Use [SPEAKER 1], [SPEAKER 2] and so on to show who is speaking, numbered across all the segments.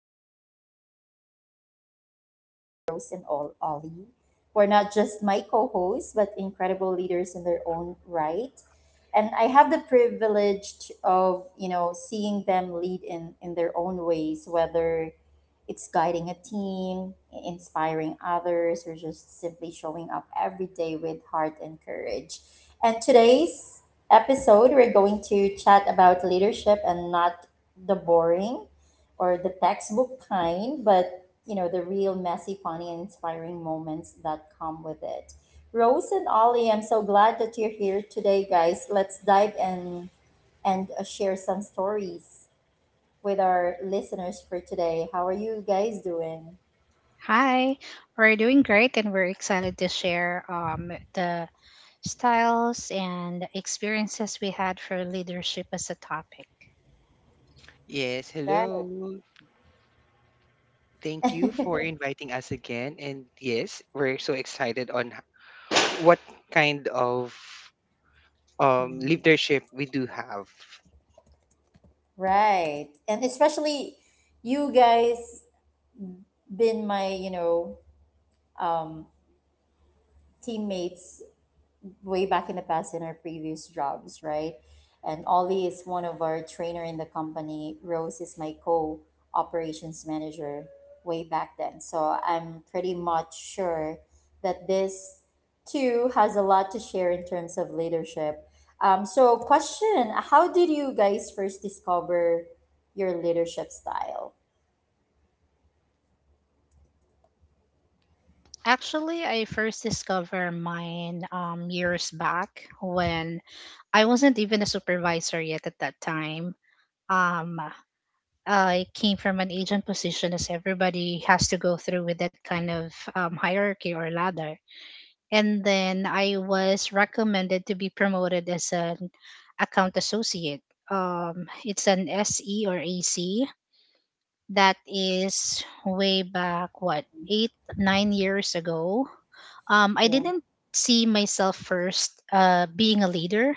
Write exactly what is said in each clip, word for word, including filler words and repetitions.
[SPEAKER 1] my two of amazing friends, uh, Rose and Ol- Ollie, who are not just my co-hosts but incredible leaders in their own right. And I have the privilege of, you know, seeing them lead in in their own ways, whether it's guiding a team, inspiring others, or just simply showing up every day with heart and courage. And today's episode, we're going to chat about leadership, and not the boring or the textbook kind, but, you know, the real messy, funny, and inspiring moments that come with it. Rose and Ollie, I'm so glad that you're here today, guys. Let's dive in and uh, share some stories with our listeners for today. How are you guys doing?
[SPEAKER 2] Hi, we're doing great and we're excited to share um, the styles and experiences we had for leadership as a topic.
[SPEAKER 3] Yes,
[SPEAKER 1] Right.
[SPEAKER 3] hello. Thank you for inviting us again. And yes, we're so excited on h- what kind of um,
[SPEAKER 1] Mm.
[SPEAKER 3] leadership we do have.
[SPEAKER 1] Right. And especially you guys been my, you know, um teammates way back in the past in our previous jobs, right? And Ollie is one of our trainer in the company. Rose is my co operations manager way back then. So I'm pretty much sure that this too has a lot to share in terms of leadership. Um, so question, how did you guys first discover your leadership style?
[SPEAKER 2] Actually, I first discovered mine um, years back when I wasn't even a supervisor yet at that time. Um, I came from an agent position, as everybody has to go through with that kind of um, hierarchy or ladder. And then I was recommended to be promoted as an account associate. Um, it's an S E or A C. That is way back what eight nine years ago. Um, I
[SPEAKER 1] Yeah.
[SPEAKER 2] didn't see myself first uh, being a leader.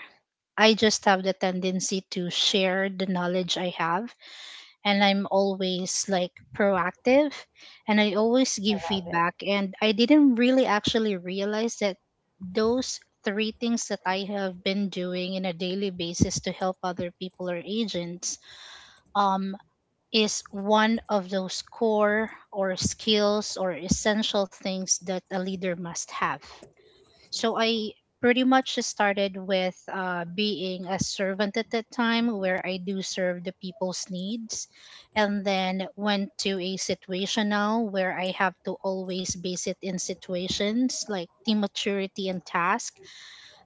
[SPEAKER 2] I just have the tendency to share the knowledge I have, and I'm always like proactive, and I always
[SPEAKER 1] I
[SPEAKER 2] give
[SPEAKER 1] love it.
[SPEAKER 2] feedback. And I didn't really actually realize that those three things that I have been doing in a daily basis to help other people or agents um, is one of those core or skills or essential things that a leader must have. So I pretty much started with uh, being a servant at that time where I do serve the people's needs, and then went to a situation now where I have to always base it in situations like team maturity and task,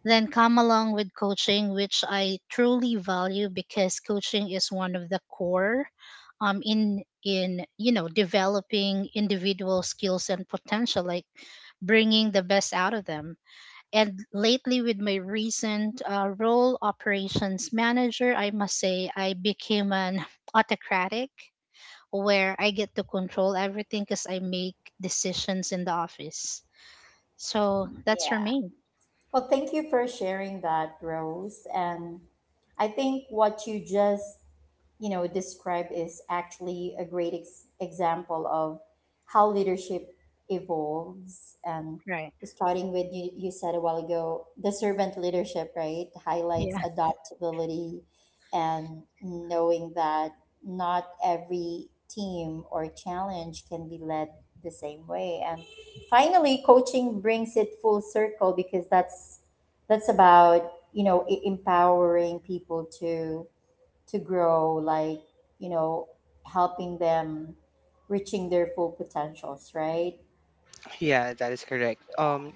[SPEAKER 2] then come along with coaching, which I truly value because coaching is one of the core, um, in in you know developing individual skills and potential, like bringing the best out of them. And lately, with my recent uh, role, operations manager, I must say I became an autocratic where I get to control everything because I make decisions in the office. So that's for
[SPEAKER 1] Yeah.
[SPEAKER 2] me.
[SPEAKER 1] Well, thank you for sharing that, Rose. And I think what you just you know described is actually a great ex- example of how leadership evolves. And
[SPEAKER 2] Right.
[SPEAKER 1] starting with you, you said a while ago the servant leadership right highlights
[SPEAKER 2] Yeah.
[SPEAKER 1] adaptability, and knowing that not every team or challenge can be led the same way, and finally coaching brings it full circle, because that's that's about, you know, e- empowering people to to grow, like, you know, helping them reaching their full potentials, right?
[SPEAKER 3] Yeah, that is correct. Um,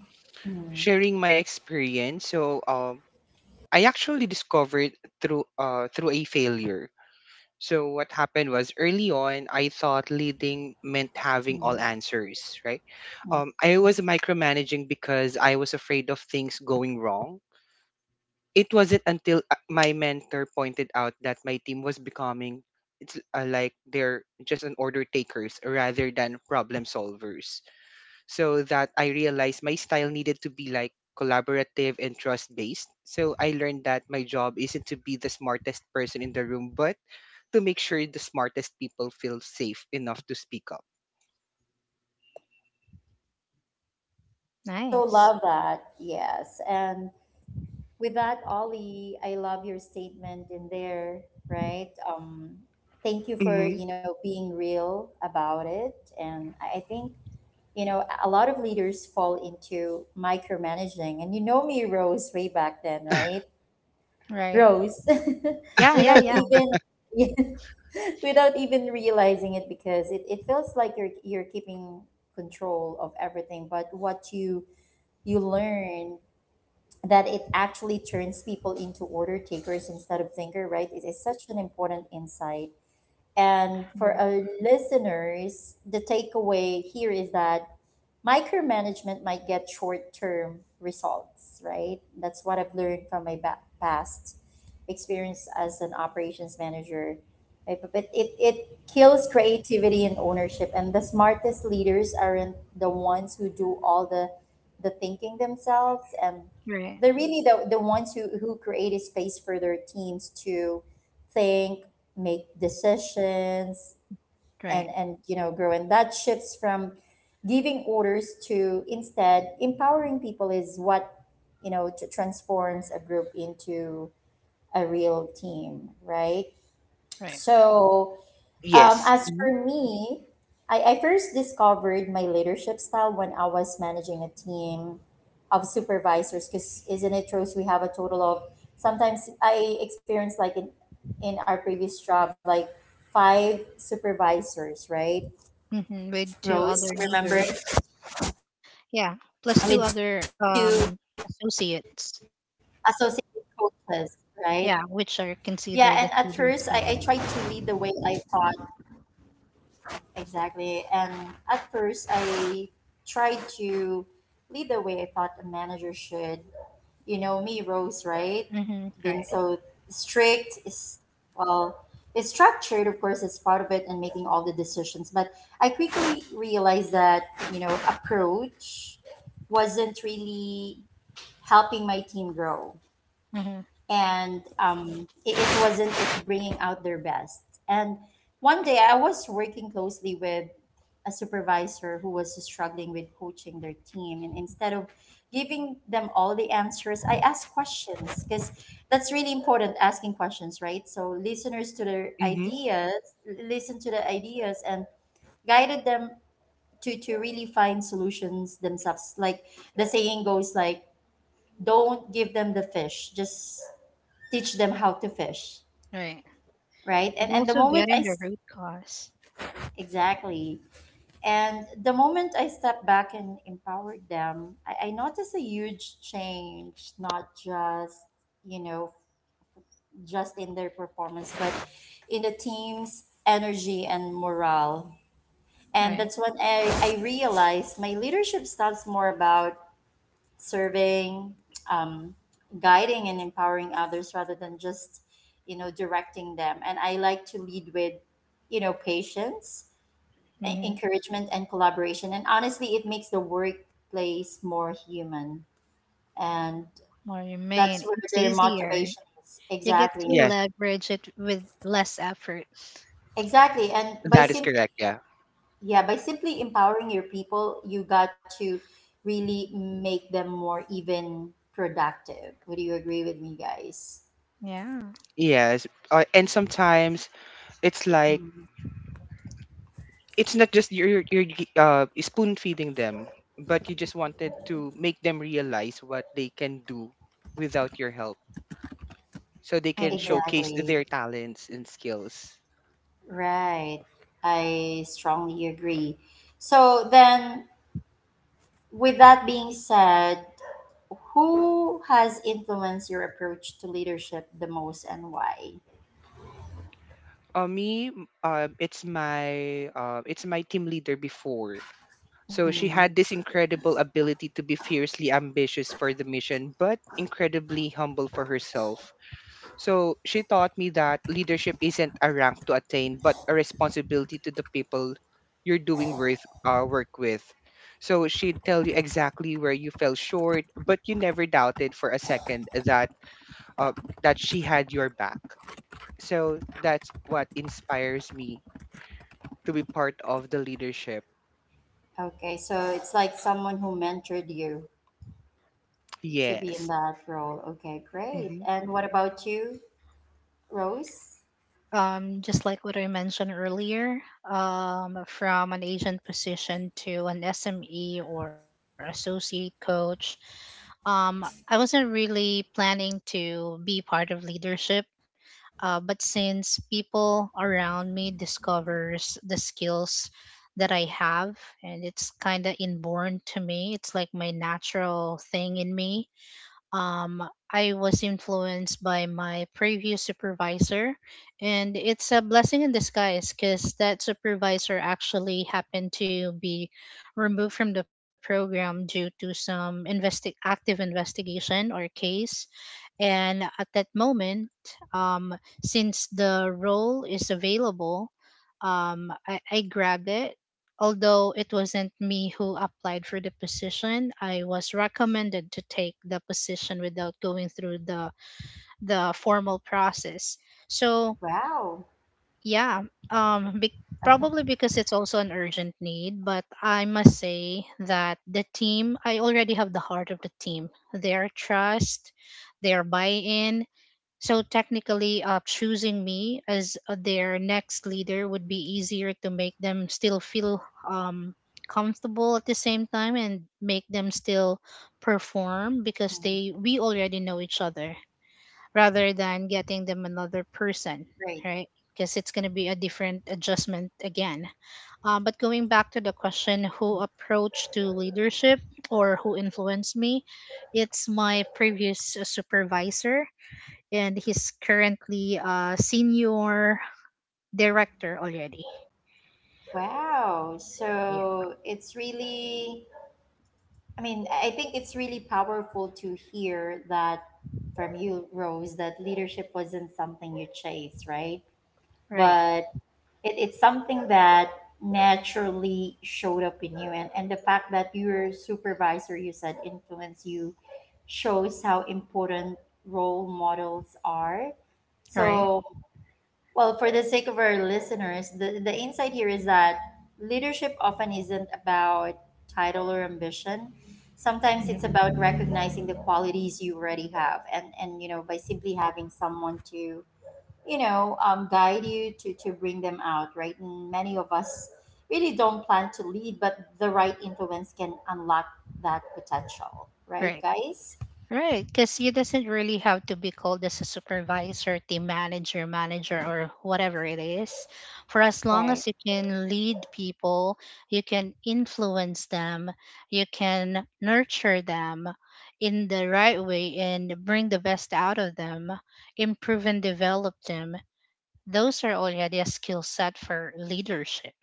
[SPEAKER 1] Mm.
[SPEAKER 3] Sharing my experience. So, um, I actually discovered through uh through a failure. So what happened was early on, I thought leading meant having
[SPEAKER 1] Mm.
[SPEAKER 3] all answers, right? Um, I was micromanaging because I was afraid of things going wrong. It wasn't until uh, my mentor pointed out that my team was becoming it's uh, like they're just an order takers rather than problem solvers. So that I realized my style needed to be like collaborative and trust based. So I learned that my job isn't to be the smartest person in the room, but to make sure the smartest people feel safe enough to speak up.
[SPEAKER 1] So
[SPEAKER 2] Nice.
[SPEAKER 1] love that. Yes. And with that, Ollie, I love your statement in there, right? Um, thank you for,
[SPEAKER 3] Hmm.
[SPEAKER 1] you know, being real about it. And I I think, you know, a lot of leaders fall into micromanaging. And you know me, Rose, way back then, right?
[SPEAKER 2] Right.
[SPEAKER 1] Rose,
[SPEAKER 2] Yeah, yeah,
[SPEAKER 1] without
[SPEAKER 2] yeah.
[SPEAKER 1] even yeah, without even realizing it, because it, it feels like you're you're keeping control of everything, but what you you learn that it actually turns people into order takers instead of thinker, right? It is such an important insight. And for our listeners, the takeaway here is that micromanagement might get short term results, right? That's what I've learned from my ba- past experience as an operations manager. Right? But but it, it kills creativity and ownership. And the smartest leaders aren't the ones who do all the, the thinking themselves. And
[SPEAKER 2] Right, right,
[SPEAKER 1] they're really the, the ones who, who create a space for their teams to think, make decisions,
[SPEAKER 2] right.
[SPEAKER 1] and and you know, grow. And that shifts from giving orders to instead empowering people is what, you know, to transforms a group into a real team, right?
[SPEAKER 2] Right.
[SPEAKER 1] So, um,
[SPEAKER 3] yes.
[SPEAKER 1] as
[SPEAKER 3] Hmm.
[SPEAKER 1] for me, I, I first discovered my leadership style when I was managing a team of supervisors, because isn't it true? So we have a total of, sometimes I experienced like in in our previous job like five supervisors, right?
[SPEAKER 2] Hmm. With two
[SPEAKER 1] Rose,
[SPEAKER 2] other
[SPEAKER 1] remember?
[SPEAKER 2] leaders.
[SPEAKER 1] I
[SPEAKER 2] Yeah,
[SPEAKER 1] mean, to
[SPEAKER 2] plus two other
[SPEAKER 1] associate with
[SPEAKER 2] um
[SPEAKER 1] coaches, right?
[SPEAKER 2] associates.
[SPEAKER 1] Yeah, and at first I, I tried
[SPEAKER 2] Yeah,
[SPEAKER 1] to
[SPEAKER 2] which
[SPEAKER 1] lead the
[SPEAKER 2] are
[SPEAKER 1] way I
[SPEAKER 2] considered as
[SPEAKER 1] thought,
[SPEAKER 2] leaders too, right?
[SPEAKER 1] exactly. And at first I tried to lead the way I thought a manager should. You know me, Rose, right? Been so strict,
[SPEAKER 2] Mm-hmm.
[SPEAKER 1] is,
[SPEAKER 2] Right.
[SPEAKER 1] well, it's structured, of course, it's part of it, and making all the decisions. But I quickly realized that, you know, approach wasn't really helping my team grow. And
[SPEAKER 2] Mm-hmm.
[SPEAKER 1] um, it, it wasn't it bringing out their best. And one day I was working closely with a supervisor who was struggling with coaching their team. And instead of giving them all the answers, I asked questions, because that's really important, asking questions, right? So listeners to their
[SPEAKER 3] Hmm.
[SPEAKER 1] ideas, listen to the ideas and guided them to, to really find solutions themselves. Like the saying goes like, don't give them the fish, just teach them how to fish,
[SPEAKER 2] Right.
[SPEAKER 1] right?
[SPEAKER 2] And
[SPEAKER 1] and and the
[SPEAKER 2] also
[SPEAKER 1] moment
[SPEAKER 2] getting
[SPEAKER 1] I
[SPEAKER 2] the
[SPEAKER 1] s-
[SPEAKER 2] root cause.
[SPEAKER 1] exactly. And the moment I stepped back and empowered them, i, I noticed a huge change, not just, you know, just in their performance but in the team's energy and morale. And
[SPEAKER 2] Right.
[SPEAKER 1] that's when i, I realized my leadership starts more about serving, um, guiding, and empowering others rather than just, you know, directing them. And I like to lead with, you know, patience, e-
[SPEAKER 2] Mm-hmm.
[SPEAKER 1] encouragement, and collaboration. And honestly, it makes the workplace more human. And
[SPEAKER 2] Well, you
[SPEAKER 1] that's
[SPEAKER 2] mean
[SPEAKER 1] where
[SPEAKER 2] it's
[SPEAKER 1] their
[SPEAKER 2] easier.
[SPEAKER 1] motivation is.
[SPEAKER 2] You get to
[SPEAKER 1] Exactly.
[SPEAKER 3] Yes,
[SPEAKER 2] leverage it with less effort.
[SPEAKER 1] Exactly. And by
[SPEAKER 3] that is
[SPEAKER 1] simply,
[SPEAKER 3] correct. Yeah.
[SPEAKER 1] yeah, by simply empowering your people, you got to really make them more even productive. Would you agree with me, guys?
[SPEAKER 2] Yeah,
[SPEAKER 3] Yes, uh, and sometimes it's like
[SPEAKER 1] Mm-hmm.
[SPEAKER 3] it's not just you're you're gi- uh spoon feeding them, but you just wanted to make them realize what they can do without your help, so they
[SPEAKER 2] I
[SPEAKER 3] can
[SPEAKER 2] agree.
[SPEAKER 3] showcase
[SPEAKER 1] Exactly.
[SPEAKER 3] their talents and skills.
[SPEAKER 1] Right. I strongly agree. So then, with that being said, who has influenced your approach to leadership the most and why?
[SPEAKER 3] Uh, me, m- uh, it's my uh, it's my team leader before. So she
[SPEAKER 1] Mm,
[SPEAKER 3] had this incredible ability to be fiercely ambitious for the mission, but incredibly humble for herself. So she taught me that leadership isn't a rank to attain, but a responsibility to the people you're doing worth, uh, work with. So she'd tell you exactly where you fell short, but you never doubted for a second that uh, that she had your back. So that's what inspires me to be part of the leadership.
[SPEAKER 1] okay, so it's like someone who mentored you to be in
[SPEAKER 3] Yes.
[SPEAKER 1] that role. Okay, great.
[SPEAKER 3] Hmm.
[SPEAKER 1] And what about you, Rose?
[SPEAKER 2] Um, just like what I mentioned earlier, um, from an agent position to an S M E or associate coach, um, I wasn't really planning to be part of leadership. Uh, but since people around me discovers the skills that I have, and it's kind of inborn to me, it's like my natural thing in me. um, I was influenced by my previous supervisor, and it's a blessing in disguise because that supervisor actually happened to be removed from the program due to some investi- active investigation or case. And at that moment, um, since the role is available, um, I, I grabbed it. Although it wasn't me who applied for the position, I was recommended to take the position without going through the the formal process. So
[SPEAKER 1] Wow.
[SPEAKER 2] yeah, um, be- probably because it's also an urgent need. But I must say that the team, I already have the heart of the team. Their trust, their buy-in, so technically, uh, choosing me as uh, their next leader would be easier to make them still feel um, comfortable at the same time and make them
[SPEAKER 1] Mm,
[SPEAKER 2] still perform because they we already know each other, rather than getting
[SPEAKER 1] great.
[SPEAKER 2] them another person, right? Because it's going to be a different adjustment again. Um, but going back to the question, who approached to leadership or who influenced me? It's my previous uh, supervisor, and he's currently a senior director already.
[SPEAKER 1] Wow.
[SPEAKER 2] Yeah.
[SPEAKER 1] So it's really, I mean, I think it's really powerful to hear that from you, Rose, that leadership wasn't something you chased, right?
[SPEAKER 2] Right.
[SPEAKER 1] But it, it's something that naturally showed up in you. And, and the fact that your supervisor, you said, influenced you shows how important role models are.
[SPEAKER 2] Right.
[SPEAKER 1] So, well, for the sake of our listeners, the, the insight here is that leadership often isn't about title or ambition. Sometimes it's
[SPEAKER 2] Mhm.
[SPEAKER 1] about recognizing the qualities you already have, and, and you know, by simply having someone to, you know, um, guide you to, to bring them out, right? And many of us really don't plan to lead, but the right influence can unlock that potential, right,
[SPEAKER 2] Right.
[SPEAKER 1] guys?
[SPEAKER 2] Right. Because you doesn't really have to be called as a supervisor, team manager, manager, or whatever it is. For as long
[SPEAKER 1] Right.
[SPEAKER 2] as you can lead people, you can influence them, you can nurture them in the right way and bring the best out of them, improve and develop them. Those are already a skill set for leadership.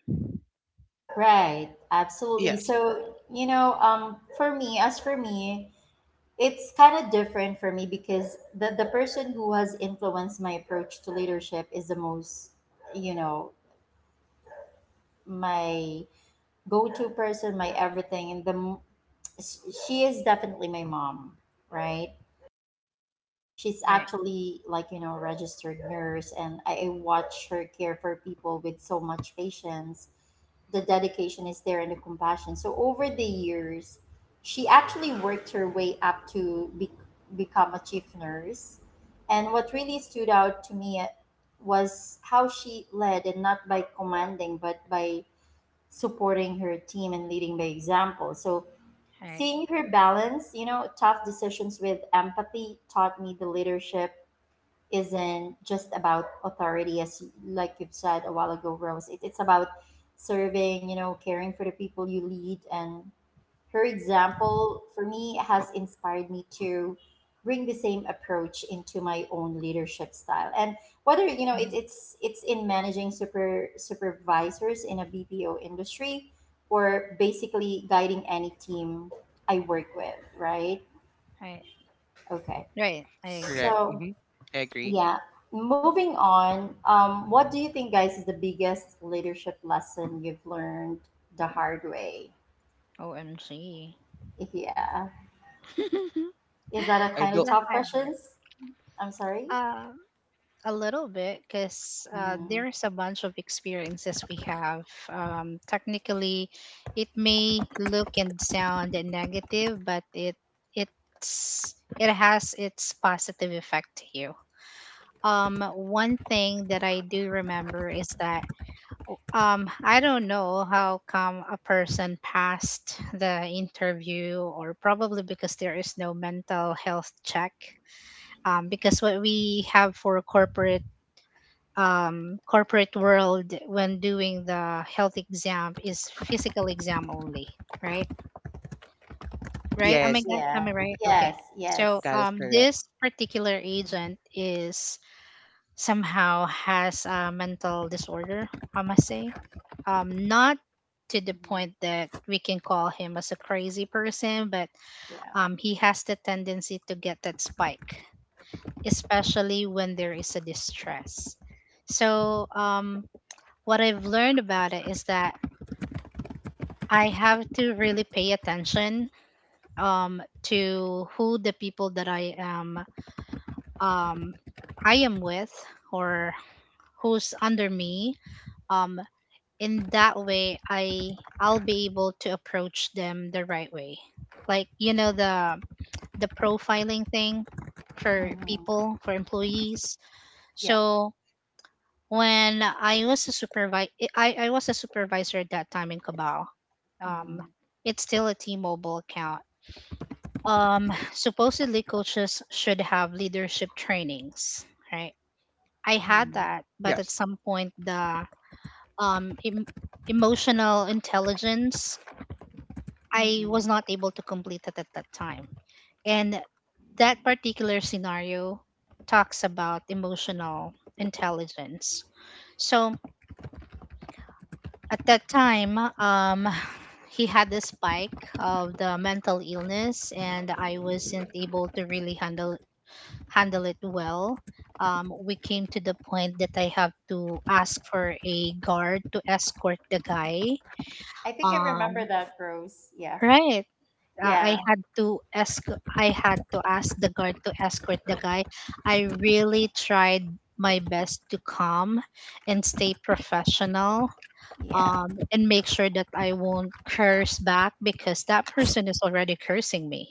[SPEAKER 1] Right. Absolutely.
[SPEAKER 3] Yes.
[SPEAKER 1] So, you know, um, for me, as for me, it's kind of different for me, because the, the person who has influenced my approach to leadership is the most, you know, my go-to person, my everything, and the m- sh- she is definitely my mom, right? She's
[SPEAKER 2] Right,
[SPEAKER 1] actually like, you know, a registered nurse, and I, I watch her care for people with so much patience. The dedication is there and the compassion. So over the years, she actually worked her way up to be, become a chief nurse. And what really stood out to me uh, was how she led, and not by commanding, but by supporting her team and leading by example. So
[SPEAKER 2] right,
[SPEAKER 1] seeing her balance, you know, tough decisions with empathy taught me the leadership isn't just about authority, as you- like you've said a while ago, Rose. It, it's about serving, you know, caring for the people you lead. And her example for me has inspired me to bring the same approach into my own leadership style. And whether you know it,
[SPEAKER 2] mhm,
[SPEAKER 1] it's it's in managing super supervisors in a B P O industry, or basically guiding any team I work with, right?
[SPEAKER 2] right,
[SPEAKER 1] Okay.
[SPEAKER 2] right. I agree.
[SPEAKER 3] Correct.
[SPEAKER 1] So
[SPEAKER 3] Hmm. I agree.
[SPEAKER 1] yeah, moving on. Um, what do you think, guys, is the biggest leadership lesson you've learned the hard way?
[SPEAKER 2] O M G.
[SPEAKER 1] Yeah, is that a
[SPEAKER 3] I
[SPEAKER 1] kind of
[SPEAKER 3] don't.
[SPEAKER 2] The
[SPEAKER 1] tough
[SPEAKER 2] hard work.
[SPEAKER 1] questions? I'm sorry?
[SPEAKER 2] Um, A little bit, because uh,
[SPEAKER 1] Mm,
[SPEAKER 2] there's a bunch of experiences we have. Um, technically, it may look and sound negative, but it it's it has its positive effect to you. Um, one thing that I do remember is that, um, I don't know how come a person passed the interview, or probably because there is no mental health check. Um, because what we have for corporate, um, corporate world when doing the health exam is physical exam only, right? Right? Am I
[SPEAKER 3] Yes,
[SPEAKER 2] gu- am
[SPEAKER 1] yeah.
[SPEAKER 2] I
[SPEAKER 3] th-
[SPEAKER 2] right? Okay.
[SPEAKER 1] Yes.
[SPEAKER 2] So
[SPEAKER 1] Yes.
[SPEAKER 3] that is
[SPEAKER 2] um,
[SPEAKER 3] correct.
[SPEAKER 2] this particular
[SPEAKER 1] Mm,
[SPEAKER 2] agent is somehow has a mental disorder. I must say, um, not to the
[SPEAKER 1] mhm.
[SPEAKER 2] point that we can call him as a crazy person, but
[SPEAKER 1] Yeah.
[SPEAKER 2] um, he has the tendency to get that spike, especially when there is a distress. So um, what I've learned about it is that I have to really pay attention, um, to who the people that I am um, I am with, or who's under me. Um, in that way, I I'll be able to approach them the right way. Like, you know the the profiling thing for
[SPEAKER 1] Hmm.
[SPEAKER 2] people for employees.
[SPEAKER 1] Yeah.
[SPEAKER 2] So when I was a supervisor, I, I was a supervisor at that time in Cabal. Um,
[SPEAKER 1] Hmm.
[SPEAKER 2] it's still a T-Mobile account. Um, supposedly coaches should have leadership trainings, right? I had
[SPEAKER 1] Hmm.
[SPEAKER 2] that, but at
[SPEAKER 3] Yes.
[SPEAKER 2] some point the um em- emotional intelligence, I was
[SPEAKER 1] Mm-mm.
[SPEAKER 2] not able to complete it at that time, and that particular scenario talks about emotional intelligence. So at that time, um, he had the spike of the mental illness, and I wasn't able to really handle handle it well. Um, we came to the point that I have to ask for a guard to escort the guy.
[SPEAKER 1] I think I remember
[SPEAKER 2] Um,
[SPEAKER 1] that, Rose. Yeah.
[SPEAKER 2] right. Uh, I
[SPEAKER 1] Yeah.
[SPEAKER 2] had to ask. I had to ask the guard to escort the guy. I really tried my best to calm and stay professional,
[SPEAKER 1] Yeah.
[SPEAKER 2] um, and make sure that I won't curse back because that person is already cursing me.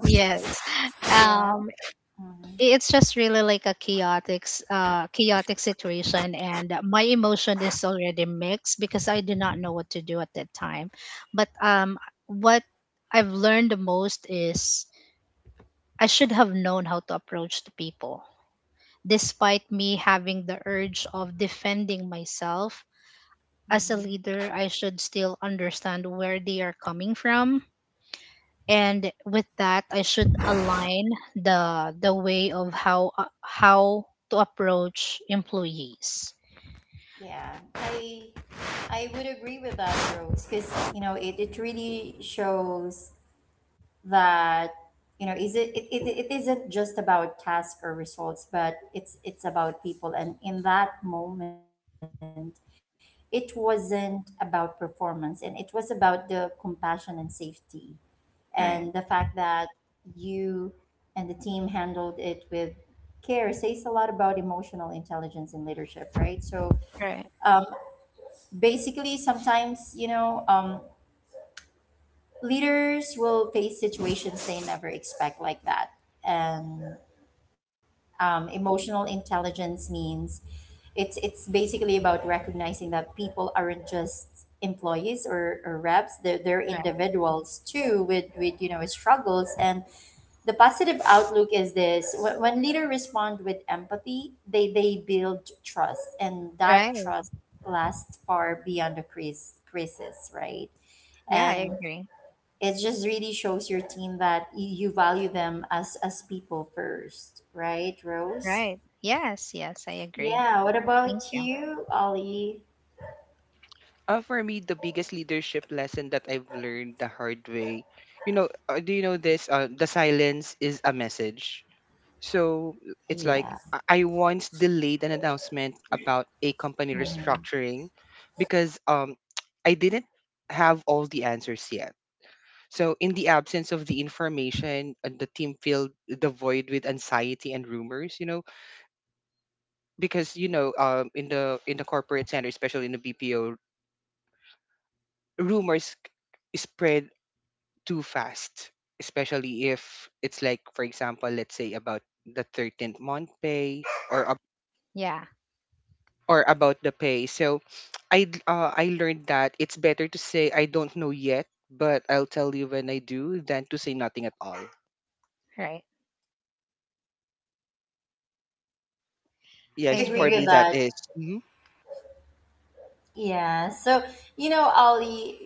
[SPEAKER 2] Yes.
[SPEAKER 1] Yeah.
[SPEAKER 2] Um,
[SPEAKER 1] Hmm.
[SPEAKER 2] it's just really like a chaotic, s- uh, chaotic situation, and my emotion is already mixed because I do not know what to do at that time. But um, what I've learned the most is I should have known how to approach the people. Despite me having the urge of defending myself, as a
[SPEAKER 1] Hmm.
[SPEAKER 2] leader, I should still understand where they are coming from. And with that, I should align the the way of how uh, how to approach employees.
[SPEAKER 1] Yeah. I I would agree with that, Rose, because you know it, it really shows that, you know, is it, it, it, it isn't just about task or results, but it's it's about people. And in that moment it wasn't about performance, and it was about the compassion and safety. And the fact
[SPEAKER 2] Right,
[SPEAKER 1] that you and the team handled it with care says a lot about emotional intelligence in leadership, right? So,
[SPEAKER 2] right,
[SPEAKER 1] um, basically sometimes, you know, um, leaders will face situations they never expect like that. And um, emotional intelligence means it's it's basically about recognizing that people aren't just employees, or, or reps, they're, they're
[SPEAKER 2] right,
[SPEAKER 1] individuals too, with with you know, struggles. And the positive outlook is this, when, when leader respond with empathy, they they build trust, and that
[SPEAKER 2] right.
[SPEAKER 1] trust lasts far beyond the crisis crisis, right?
[SPEAKER 2] Yeah, I
[SPEAKER 1] And
[SPEAKER 2] agree.
[SPEAKER 1] it just really shows your team that you, you value them as as people first, right, Rose?
[SPEAKER 2] Right. Yes, yes, I agree.
[SPEAKER 1] Yeah. What
[SPEAKER 2] Thank
[SPEAKER 1] about
[SPEAKER 2] you.
[SPEAKER 1] you, Ollie?
[SPEAKER 3] Uh, for me, the biggest leadership lesson that I've learned the hard way, you know, uh, do you know this? Uh, the silence is a message. So it's like
[SPEAKER 1] Yeah.
[SPEAKER 3] I I once delayed an announcement about a company
[SPEAKER 1] Mhm.
[SPEAKER 3] restructuring because um, I didn't have all the answers yet. So in the absence of the information, uh, the team filled the void with anxiety and rumors. You know, because you know, um, in the in the corporate center, especially in the B P O, rumors spread too fast, especially if it's like, for example, let's say about the thirteenth month pay or ab-
[SPEAKER 2] Yeah,
[SPEAKER 3] or about the pay. So I d- uh, I learned that it's better to say I don't know yet, but I'll tell you when I do than to say nothing at all.
[SPEAKER 2] right.
[SPEAKER 1] I
[SPEAKER 2] I
[SPEAKER 3] Yes,
[SPEAKER 1] agree
[SPEAKER 3] for
[SPEAKER 1] with
[SPEAKER 3] me
[SPEAKER 2] agree.
[SPEAKER 3] that
[SPEAKER 1] that.
[SPEAKER 3] is. Mhm.
[SPEAKER 1] Yeah. So, you know, Ollie,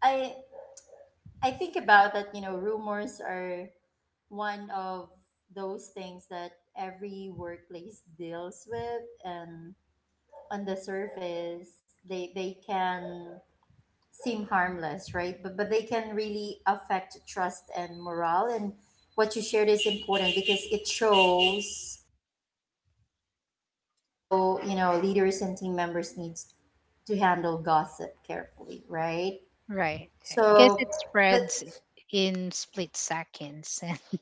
[SPEAKER 1] I I think about that, you know, rumors are one of those things that every workplace deals with. And on the surface they they can seem harmless, right? But but they can really affect trust and morale. And what you shared is important because it shows how, you know, leaders and team members needs to handle gossip carefully, right?
[SPEAKER 2] Right, because
[SPEAKER 1] So
[SPEAKER 2] it
[SPEAKER 1] that.
[SPEAKER 2] spreads in split seconds.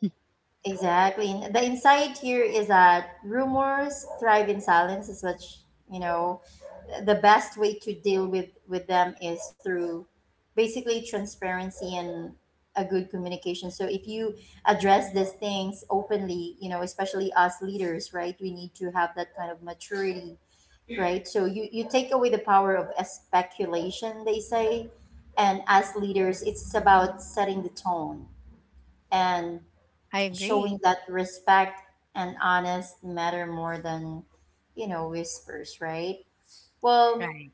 [SPEAKER 1] Exactly. And the insight here is that rumors thrive in silence is what sh- you know the best way to deal with with them is through basically transparency and a good communication. So if you address these things openly, you know, especially us leaders, right? We need to have that kind of maturity, right? So you you take away the power of speculation, they say, and as leaders, it's about setting the tone and
[SPEAKER 2] I
[SPEAKER 1] showing
[SPEAKER 2] agree.
[SPEAKER 1] that respect and honest matter more than you know whispers, right? well
[SPEAKER 2] Right.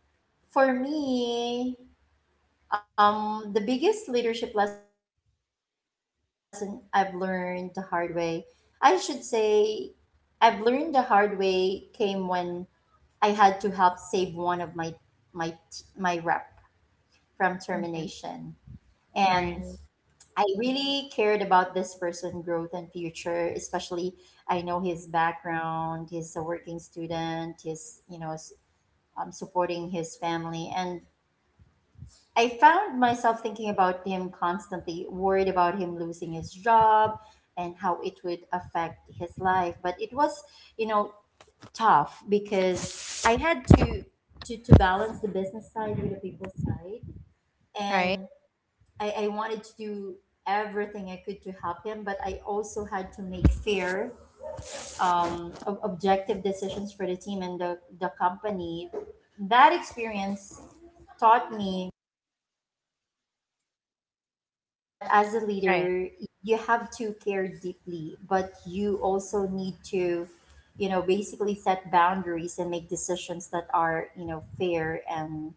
[SPEAKER 1] for me, um the biggest leadership lesson I've learned the hard way, I should say I've learned the hard way, came when I had to help save one of my my my rep from termination.
[SPEAKER 2] Hmm.
[SPEAKER 1] And
[SPEAKER 2] Right.
[SPEAKER 1] I really cared about this person' growth and future. Especially I know his background, he's a working student, he's, you know, s- um, supporting his family. And I found myself thinking about him constantly, worried about him losing his job and how it would affect his life. But it was, you know, tough because I had to to, to balance the business side with the people side.
[SPEAKER 2] Right.
[SPEAKER 1] And I, I wanted to do everything I could to help him, but I also had to make fair, um, ob- objective decisions for the team and the, the company. That experience taught me that as a
[SPEAKER 2] Right.
[SPEAKER 1] leader, you have to care deeply, but you also need to, you know, basically set boundaries and make decisions that are, you know, fair and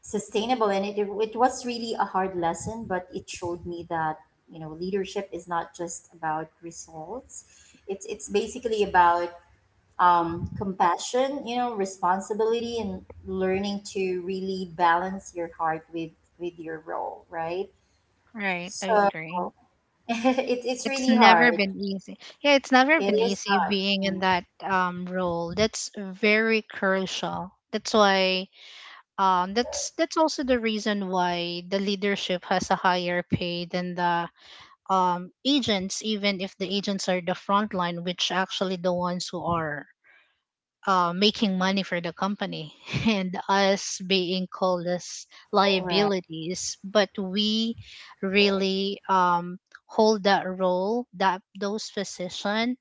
[SPEAKER 1] sustainable. And it, it was really a hard lesson, but it showed me that, you know, leadership is not just about results. It's it's basically about, um, compassion, you know, responsibility, and learning to really balance your heart with with your role, right?
[SPEAKER 2] Right. I
[SPEAKER 1] So
[SPEAKER 2] agree.
[SPEAKER 1] it, it's
[SPEAKER 2] It's
[SPEAKER 1] really
[SPEAKER 2] never
[SPEAKER 1] hard.
[SPEAKER 2] been easy. Yeah, it's never
[SPEAKER 1] It
[SPEAKER 2] been
[SPEAKER 1] is
[SPEAKER 2] easy
[SPEAKER 1] hard,
[SPEAKER 2] being in that um role. That's very crucial. That's why, um that's that's also the reason why the leadership has a higher pay than the um agents, even if the agents are the front line, which actually the ones who are uh, making money for the company and us being called as
[SPEAKER 1] right?
[SPEAKER 2] liabilities, but we really, um, hold that role, that those position,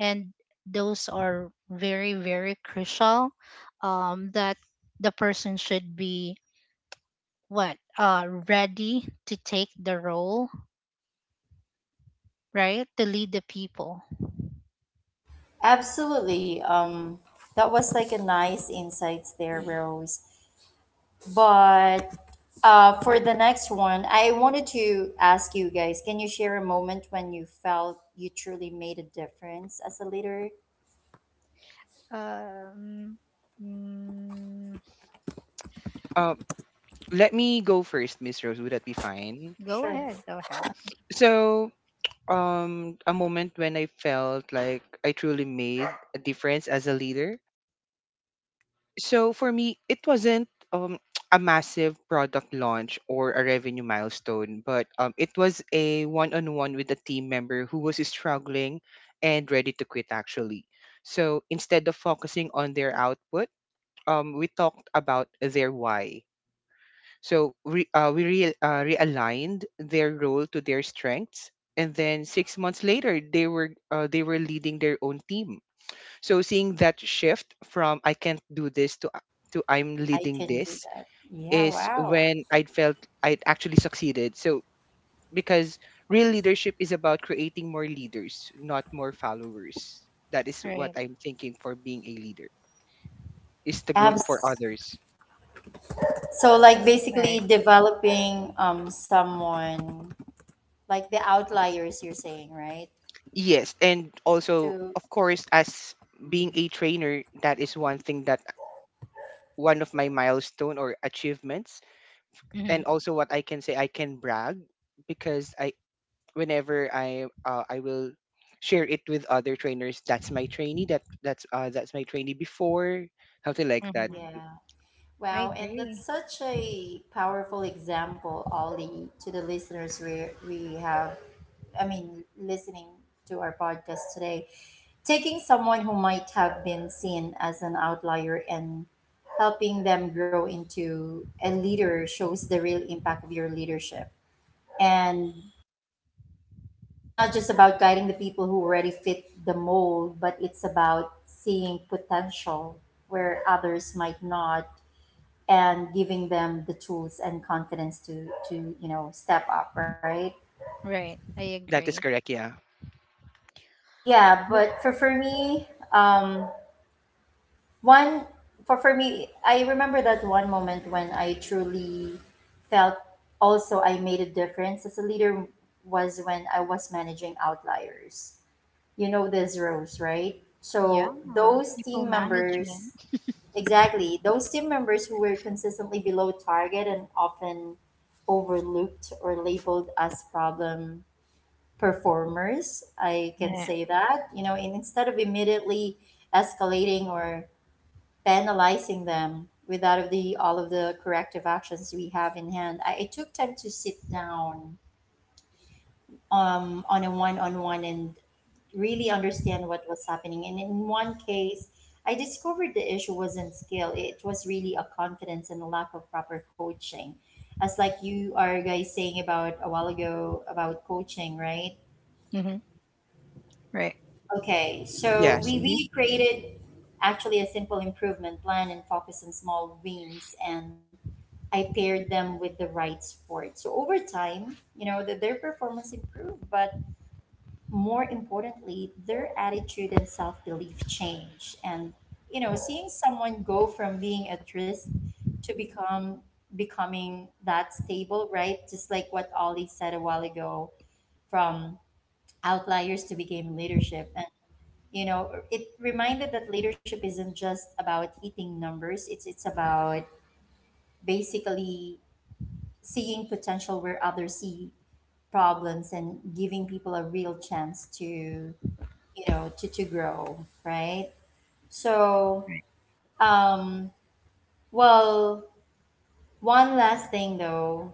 [SPEAKER 2] and those are very very crucial, um, that the person should be what uh, ready to take the role, right, to lead the people.
[SPEAKER 1] Absolutely. Um that was like a nice insights there, Rose. But Uh, for the next one, I wanted to ask you guys, can you share a moment when you felt you truly made a difference as a leader?
[SPEAKER 2] um, mm,
[SPEAKER 3] Um, let me go first, Miss Rose. Would that be fine?
[SPEAKER 2] Go
[SPEAKER 1] Sure,
[SPEAKER 2] ahead, go ahead.
[SPEAKER 3] So, um, a moment when I felt like I truly made a difference as a leader. So for me, it wasn't um, a massive product launch or a revenue milestone, but um, it was a one on one with a team member who was struggling and ready to quit, actually. So instead of focusing on their output, um, we talked about their why. So we, uh, we re- uh, realigned their role to their strengths. And then six months later, they were uh, they were leading their own team. So seeing that shift from I can't do this to to I'm
[SPEAKER 1] I
[SPEAKER 3] leading
[SPEAKER 1] can do
[SPEAKER 3] this
[SPEAKER 1] that. Yeah,
[SPEAKER 3] is
[SPEAKER 1] wow.
[SPEAKER 3] when I felt I actually succeeded. So because real leadership is about creating more leaders, not more followers. That is what
[SPEAKER 2] Right,
[SPEAKER 3] I'm thinking for being a leader. Is the growth
[SPEAKER 1] Abs
[SPEAKER 3] for others.
[SPEAKER 1] So like
[SPEAKER 2] right.
[SPEAKER 1] basically developing, um, someone like the outliers you're saying, right?
[SPEAKER 3] Yes, and also
[SPEAKER 1] To
[SPEAKER 3] of course as being a trainer, that is one thing that one of my milestone or achievements, and
[SPEAKER 2] Mhm.
[SPEAKER 3] also what I can say I can brag because I whenever I uh, I will share it with other trainers. That's my trainee. That that's uh, that's my trainee before, something like that.
[SPEAKER 2] Mm-hmm.
[SPEAKER 1] yeah.
[SPEAKER 2] I
[SPEAKER 1] Wow, and
[SPEAKER 2] agree.
[SPEAKER 1] that's such a powerful example, Ollie. To the listeners, we we have, I mean, listening to our podcast today, taking someone who might have been seen as an outlier and helping them grow into a leader shows the real impact of your leadership. And it's not just about guiding the people who already fit the mold, but it's about seeing potential where others might not, and giving them the tools and confidence to to you know, step up, right?
[SPEAKER 2] Right. I
[SPEAKER 3] That is
[SPEAKER 2] agree.
[SPEAKER 3] correct. Yeah.
[SPEAKER 1] Yeah,
[SPEAKER 2] But
[SPEAKER 1] but for for me, um One for for me, I remember that one moment when I truly felt, also, I made a difference as a leader was when I was managing outliers. You know this roles, right?
[SPEAKER 2] yeah,
[SPEAKER 1] So those
[SPEAKER 2] people
[SPEAKER 1] team members,
[SPEAKER 2] management.
[SPEAKER 1] exactly, those team members who were consistently below target and often overlooked or labeled as problem performers, I can
[SPEAKER 2] Yeah.
[SPEAKER 1] say that, you know. And instead of immediately escalating or penalizing them without the all of the corrective actions we have in hand, I, I took time to sit down, um, on a one-on-one, and really understand what was happening. And in one case, I discovered the issue wasn't skill; it was really a confidence and a lack of proper coaching. As like you are guys saying about a while ago about coaching, right?
[SPEAKER 2] Hmm. Right.
[SPEAKER 1] Okay, so
[SPEAKER 3] Yes.
[SPEAKER 1] we
[SPEAKER 3] Hmm.
[SPEAKER 1] we created actually a simple improvement plan and focus on small wins, and I paired them with the right sport. So over time, you know, that their performance improved, but more importantly, their attitude and self belief changed. And you know, seeing someone go from being at risk to become becoming that stable, right? Just like what Ollie said a while ago, from outliers to became leadership. And you know, it reminded that leadership isn't just about hitting numbers. It's it's about basically seeing potential where others see problems and giving people a real chance to, you know to to grow, right? So, um well one last thing though.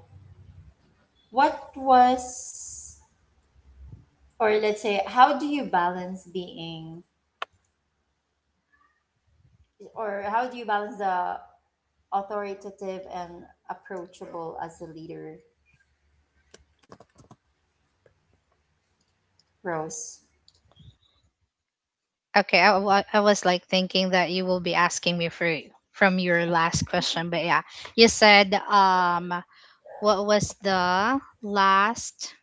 [SPEAKER 1] What was or Let's say, how do you balance being, or how do you balance the authoritative and approachable as a leader, Rose?
[SPEAKER 2] Okay. I, wa- I was like thinking that you will be asking me for from your last question, but yeah, you said, um, what was the last?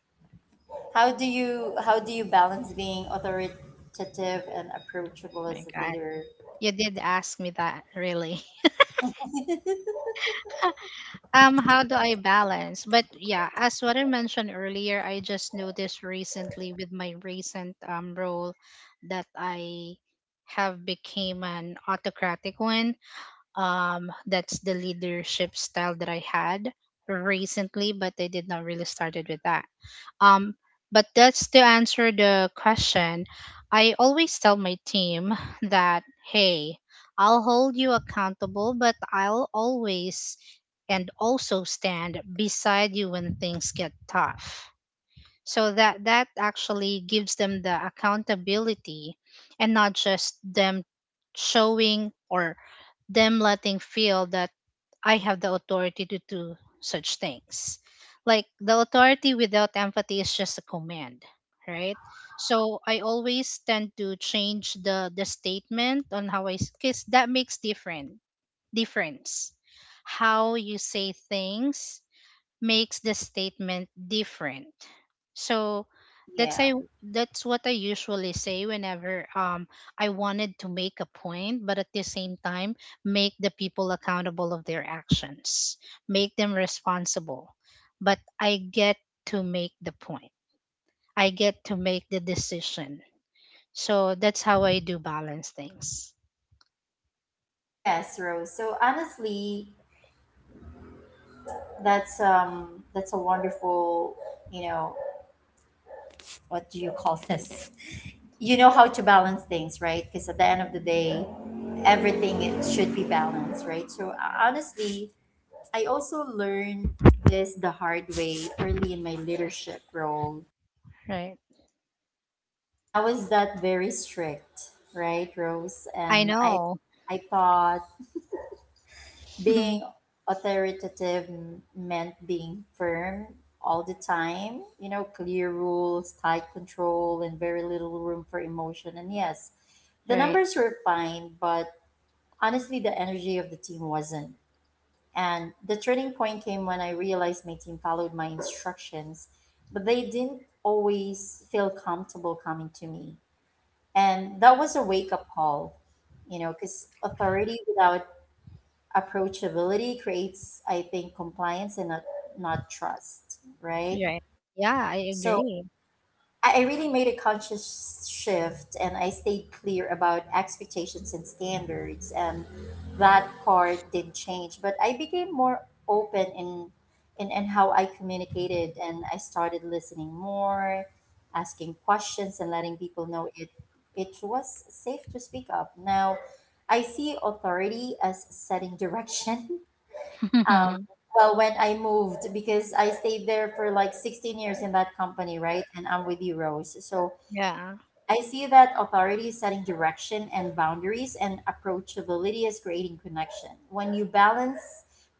[SPEAKER 1] How do you how do you balance being authoritative and approachable
[SPEAKER 2] My
[SPEAKER 1] as a
[SPEAKER 2] God,
[SPEAKER 1] leader?
[SPEAKER 2] you did ask me that really. Um how do I balance? But yeah, as what I mentioned earlier, I just noticed recently with my recent um role that I have became an autocratic one. Um that's the leadership style that I had recently, but I did not really started with that. um, but that's to answer the question. I always tell my team that, hey, I'll hold you accountable, but I'll always and also stand beside you when things get tough. So that that actually gives them the accountability and not just them showing or them letting feel that I have the authority to do such things. Like the authority without empathy is just a command, right? So I always tend to change the the statement on how I, because that makes different difference. How you say things makes the statement different. So
[SPEAKER 1] Yeah.
[SPEAKER 2] that's I that's what I usually say whenever, um I wanted to make a point, but at the same time make the people accountable of their actions, make them responsible. But I get to make the point. I get to make the decision. So that's how I do balance things.
[SPEAKER 1] Yes, Rose. So honestly, that's um that's a wonderful, you know, what do you call this? You know how to balance things, right? Because at the end of the day, everything it should be balanced, right? So, uh, honestly, I also learned this the hard way early in my leadership role.
[SPEAKER 2] Right.
[SPEAKER 1] And I was that very strict, right, Rose?
[SPEAKER 2] I
[SPEAKER 1] And I
[SPEAKER 2] know.
[SPEAKER 1] I thought being authoritative m- meant being firm all the time, you know, clear rules, tight control, and very little room for emotion. And yes, the
[SPEAKER 2] Right.
[SPEAKER 1] numbers were fine, but honestly, the energy of the team wasn't. And the turning point came when I realized my team followed my instructions, but they didn't always feel comfortable coming to me. And that was a wake up call, you know, because authority without approachability creates, I think, compliance and not not trust, right?
[SPEAKER 2] Right. Yeah,
[SPEAKER 1] So
[SPEAKER 2] I
[SPEAKER 1] i
[SPEAKER 2] agree.
[SPEAKER 1] I really made a conscious shift, and I stayed clear about expectations and standards, and that part didn't change, but I became more open in in, in how I communicated, and I started listening more, asking questions, and letting people know it it was safe to speak up. Now I see authority as setting direction. um, well, when I moved, because I stayed there for like sixteen years in that company, right? And I'm with you, Rose. So
[SPEAKER 2] Yeah.
[SPEAKER 1] I see that authority is setting direction and boundaries, and approachability is creating connection. When you balance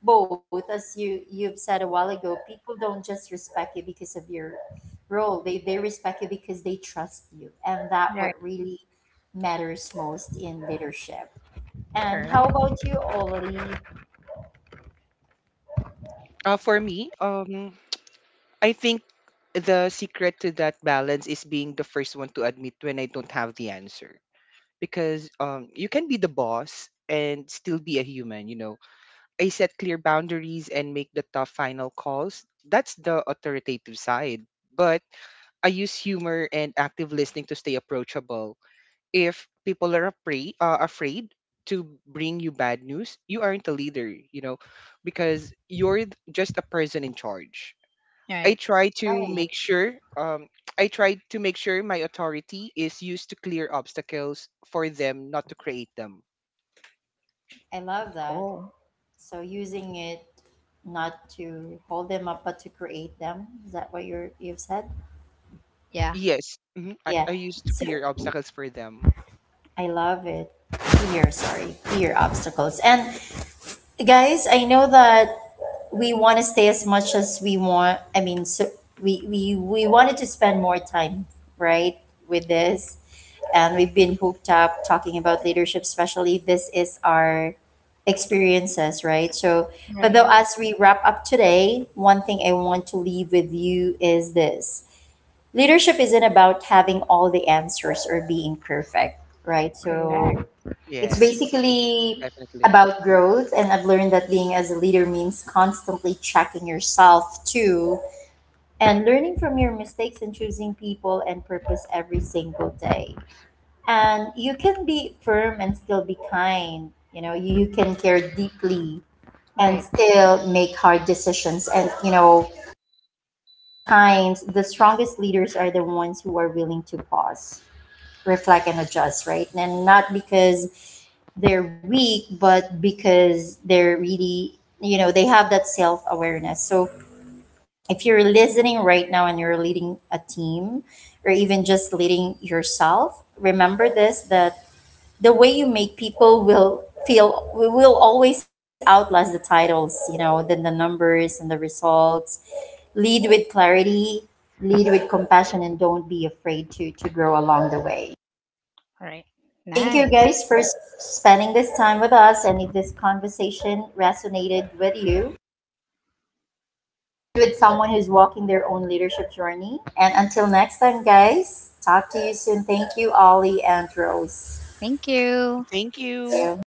[SPEAKER 1] both, as you you've said a while ago, people don't just respect you because of your role; they they respect you because they trust you, and that what
[SPEAKER 2] Right.
[SPEAKER 1] really matters most in leadership. And how
[SPEAKER 2] Correct.
[SPEAKER 1] about you, Ollie?
[SPEAKER 3] Uh, for me, um, I think the secret to that balance is being the first one to admit when I don't have the answer because um you can be the boss and still be a human. You know, I set clear boundaries and make the tough final calls. That's the authoritative side. But I use humor and active listening to stay approachable. If people are afraid, uh, afraid to bring you bad news, you aren't a leader, you know, because you're th- just a person in charge. I
[SPEAKER 2] Right.
[SPEAKER 3] try to
[SPEAKER 1] Right,
[SPEAKER 3] make sure, um, I try to make sure my authority is used to clear obstacles for them, not to create them.
[SPEAKER 1] I love that.
[SPEAKER 2] Cool.
[SPEAKER 1] So using it not to hold them up but to create them. Is that what you're you've said?
[SPEAKER 2] Yeah.
[SPEAKER 3] Yes, mhm, I,
[SPEAKER 1] Yeah.
[SPEAKER 3] I used to
[SPEAKER 1] So
[SPEAKER 3] clear obstacles for them.
[SPEAKER 1] I love it. Fear, sorry, fear obstacles. And guys, I know that we want to stay as much as we want. I mean, so we we we wanted to spend more time, right, with this. And we've been hooked up talking about leadership, especially this is our experiences, right? So, but though,
[SPEAKER 2] Right.
[SPEAKER 1] as we wrap up today, one thing I want to leave with you is this: leadership isn't about having all the answers or being perfect, right?
[SPEAKER 2] Correct.
[SPEAKER 1] So, it's
[SPEAKER 3] Yes,
[SPEAKER 1] basically
[SPEAKER 3] definitely.
[SPEAKER 1] about growth. And I've learned that being as a leader means constantly checking yourself too, and learning from your mistakes, and choosing people and purpose every single day. And you can be firm and still be kind, you know, you can care deeply and
[SPEAKER 2] Right.
[SPEAKER 1] still make hard decisions. And you know, sometimes the strongest leaders are the ones who are willing to pause, reflect, and adjust, right? And not because they're weak, but because they're really, you know, they have that self-awareness. So if you're listening right now and you're leading a team or even just leading yourself, remember this: that the way you make people will feel we will always outlast the titles, you know, then the numbers and the results. Lead with clarity, lead with compassion, and don't be afraid to to grow along the way.
[SPEAKER 2] Right.
[SPEAKER 1] So thank you
[SPEAKER 2] Nice.
[SPEAKER 1] guys for s- spending this time with us. And if this conversation resonated with you, share it with someone who's walking their own leadership journey. And until next time guys, talk to you soon. Thank you, Ollie and Rose.
[SPEAKER 2] Thank you.
[SPEAKER 3] Thank you.
[SPEAKER 1] Thank you.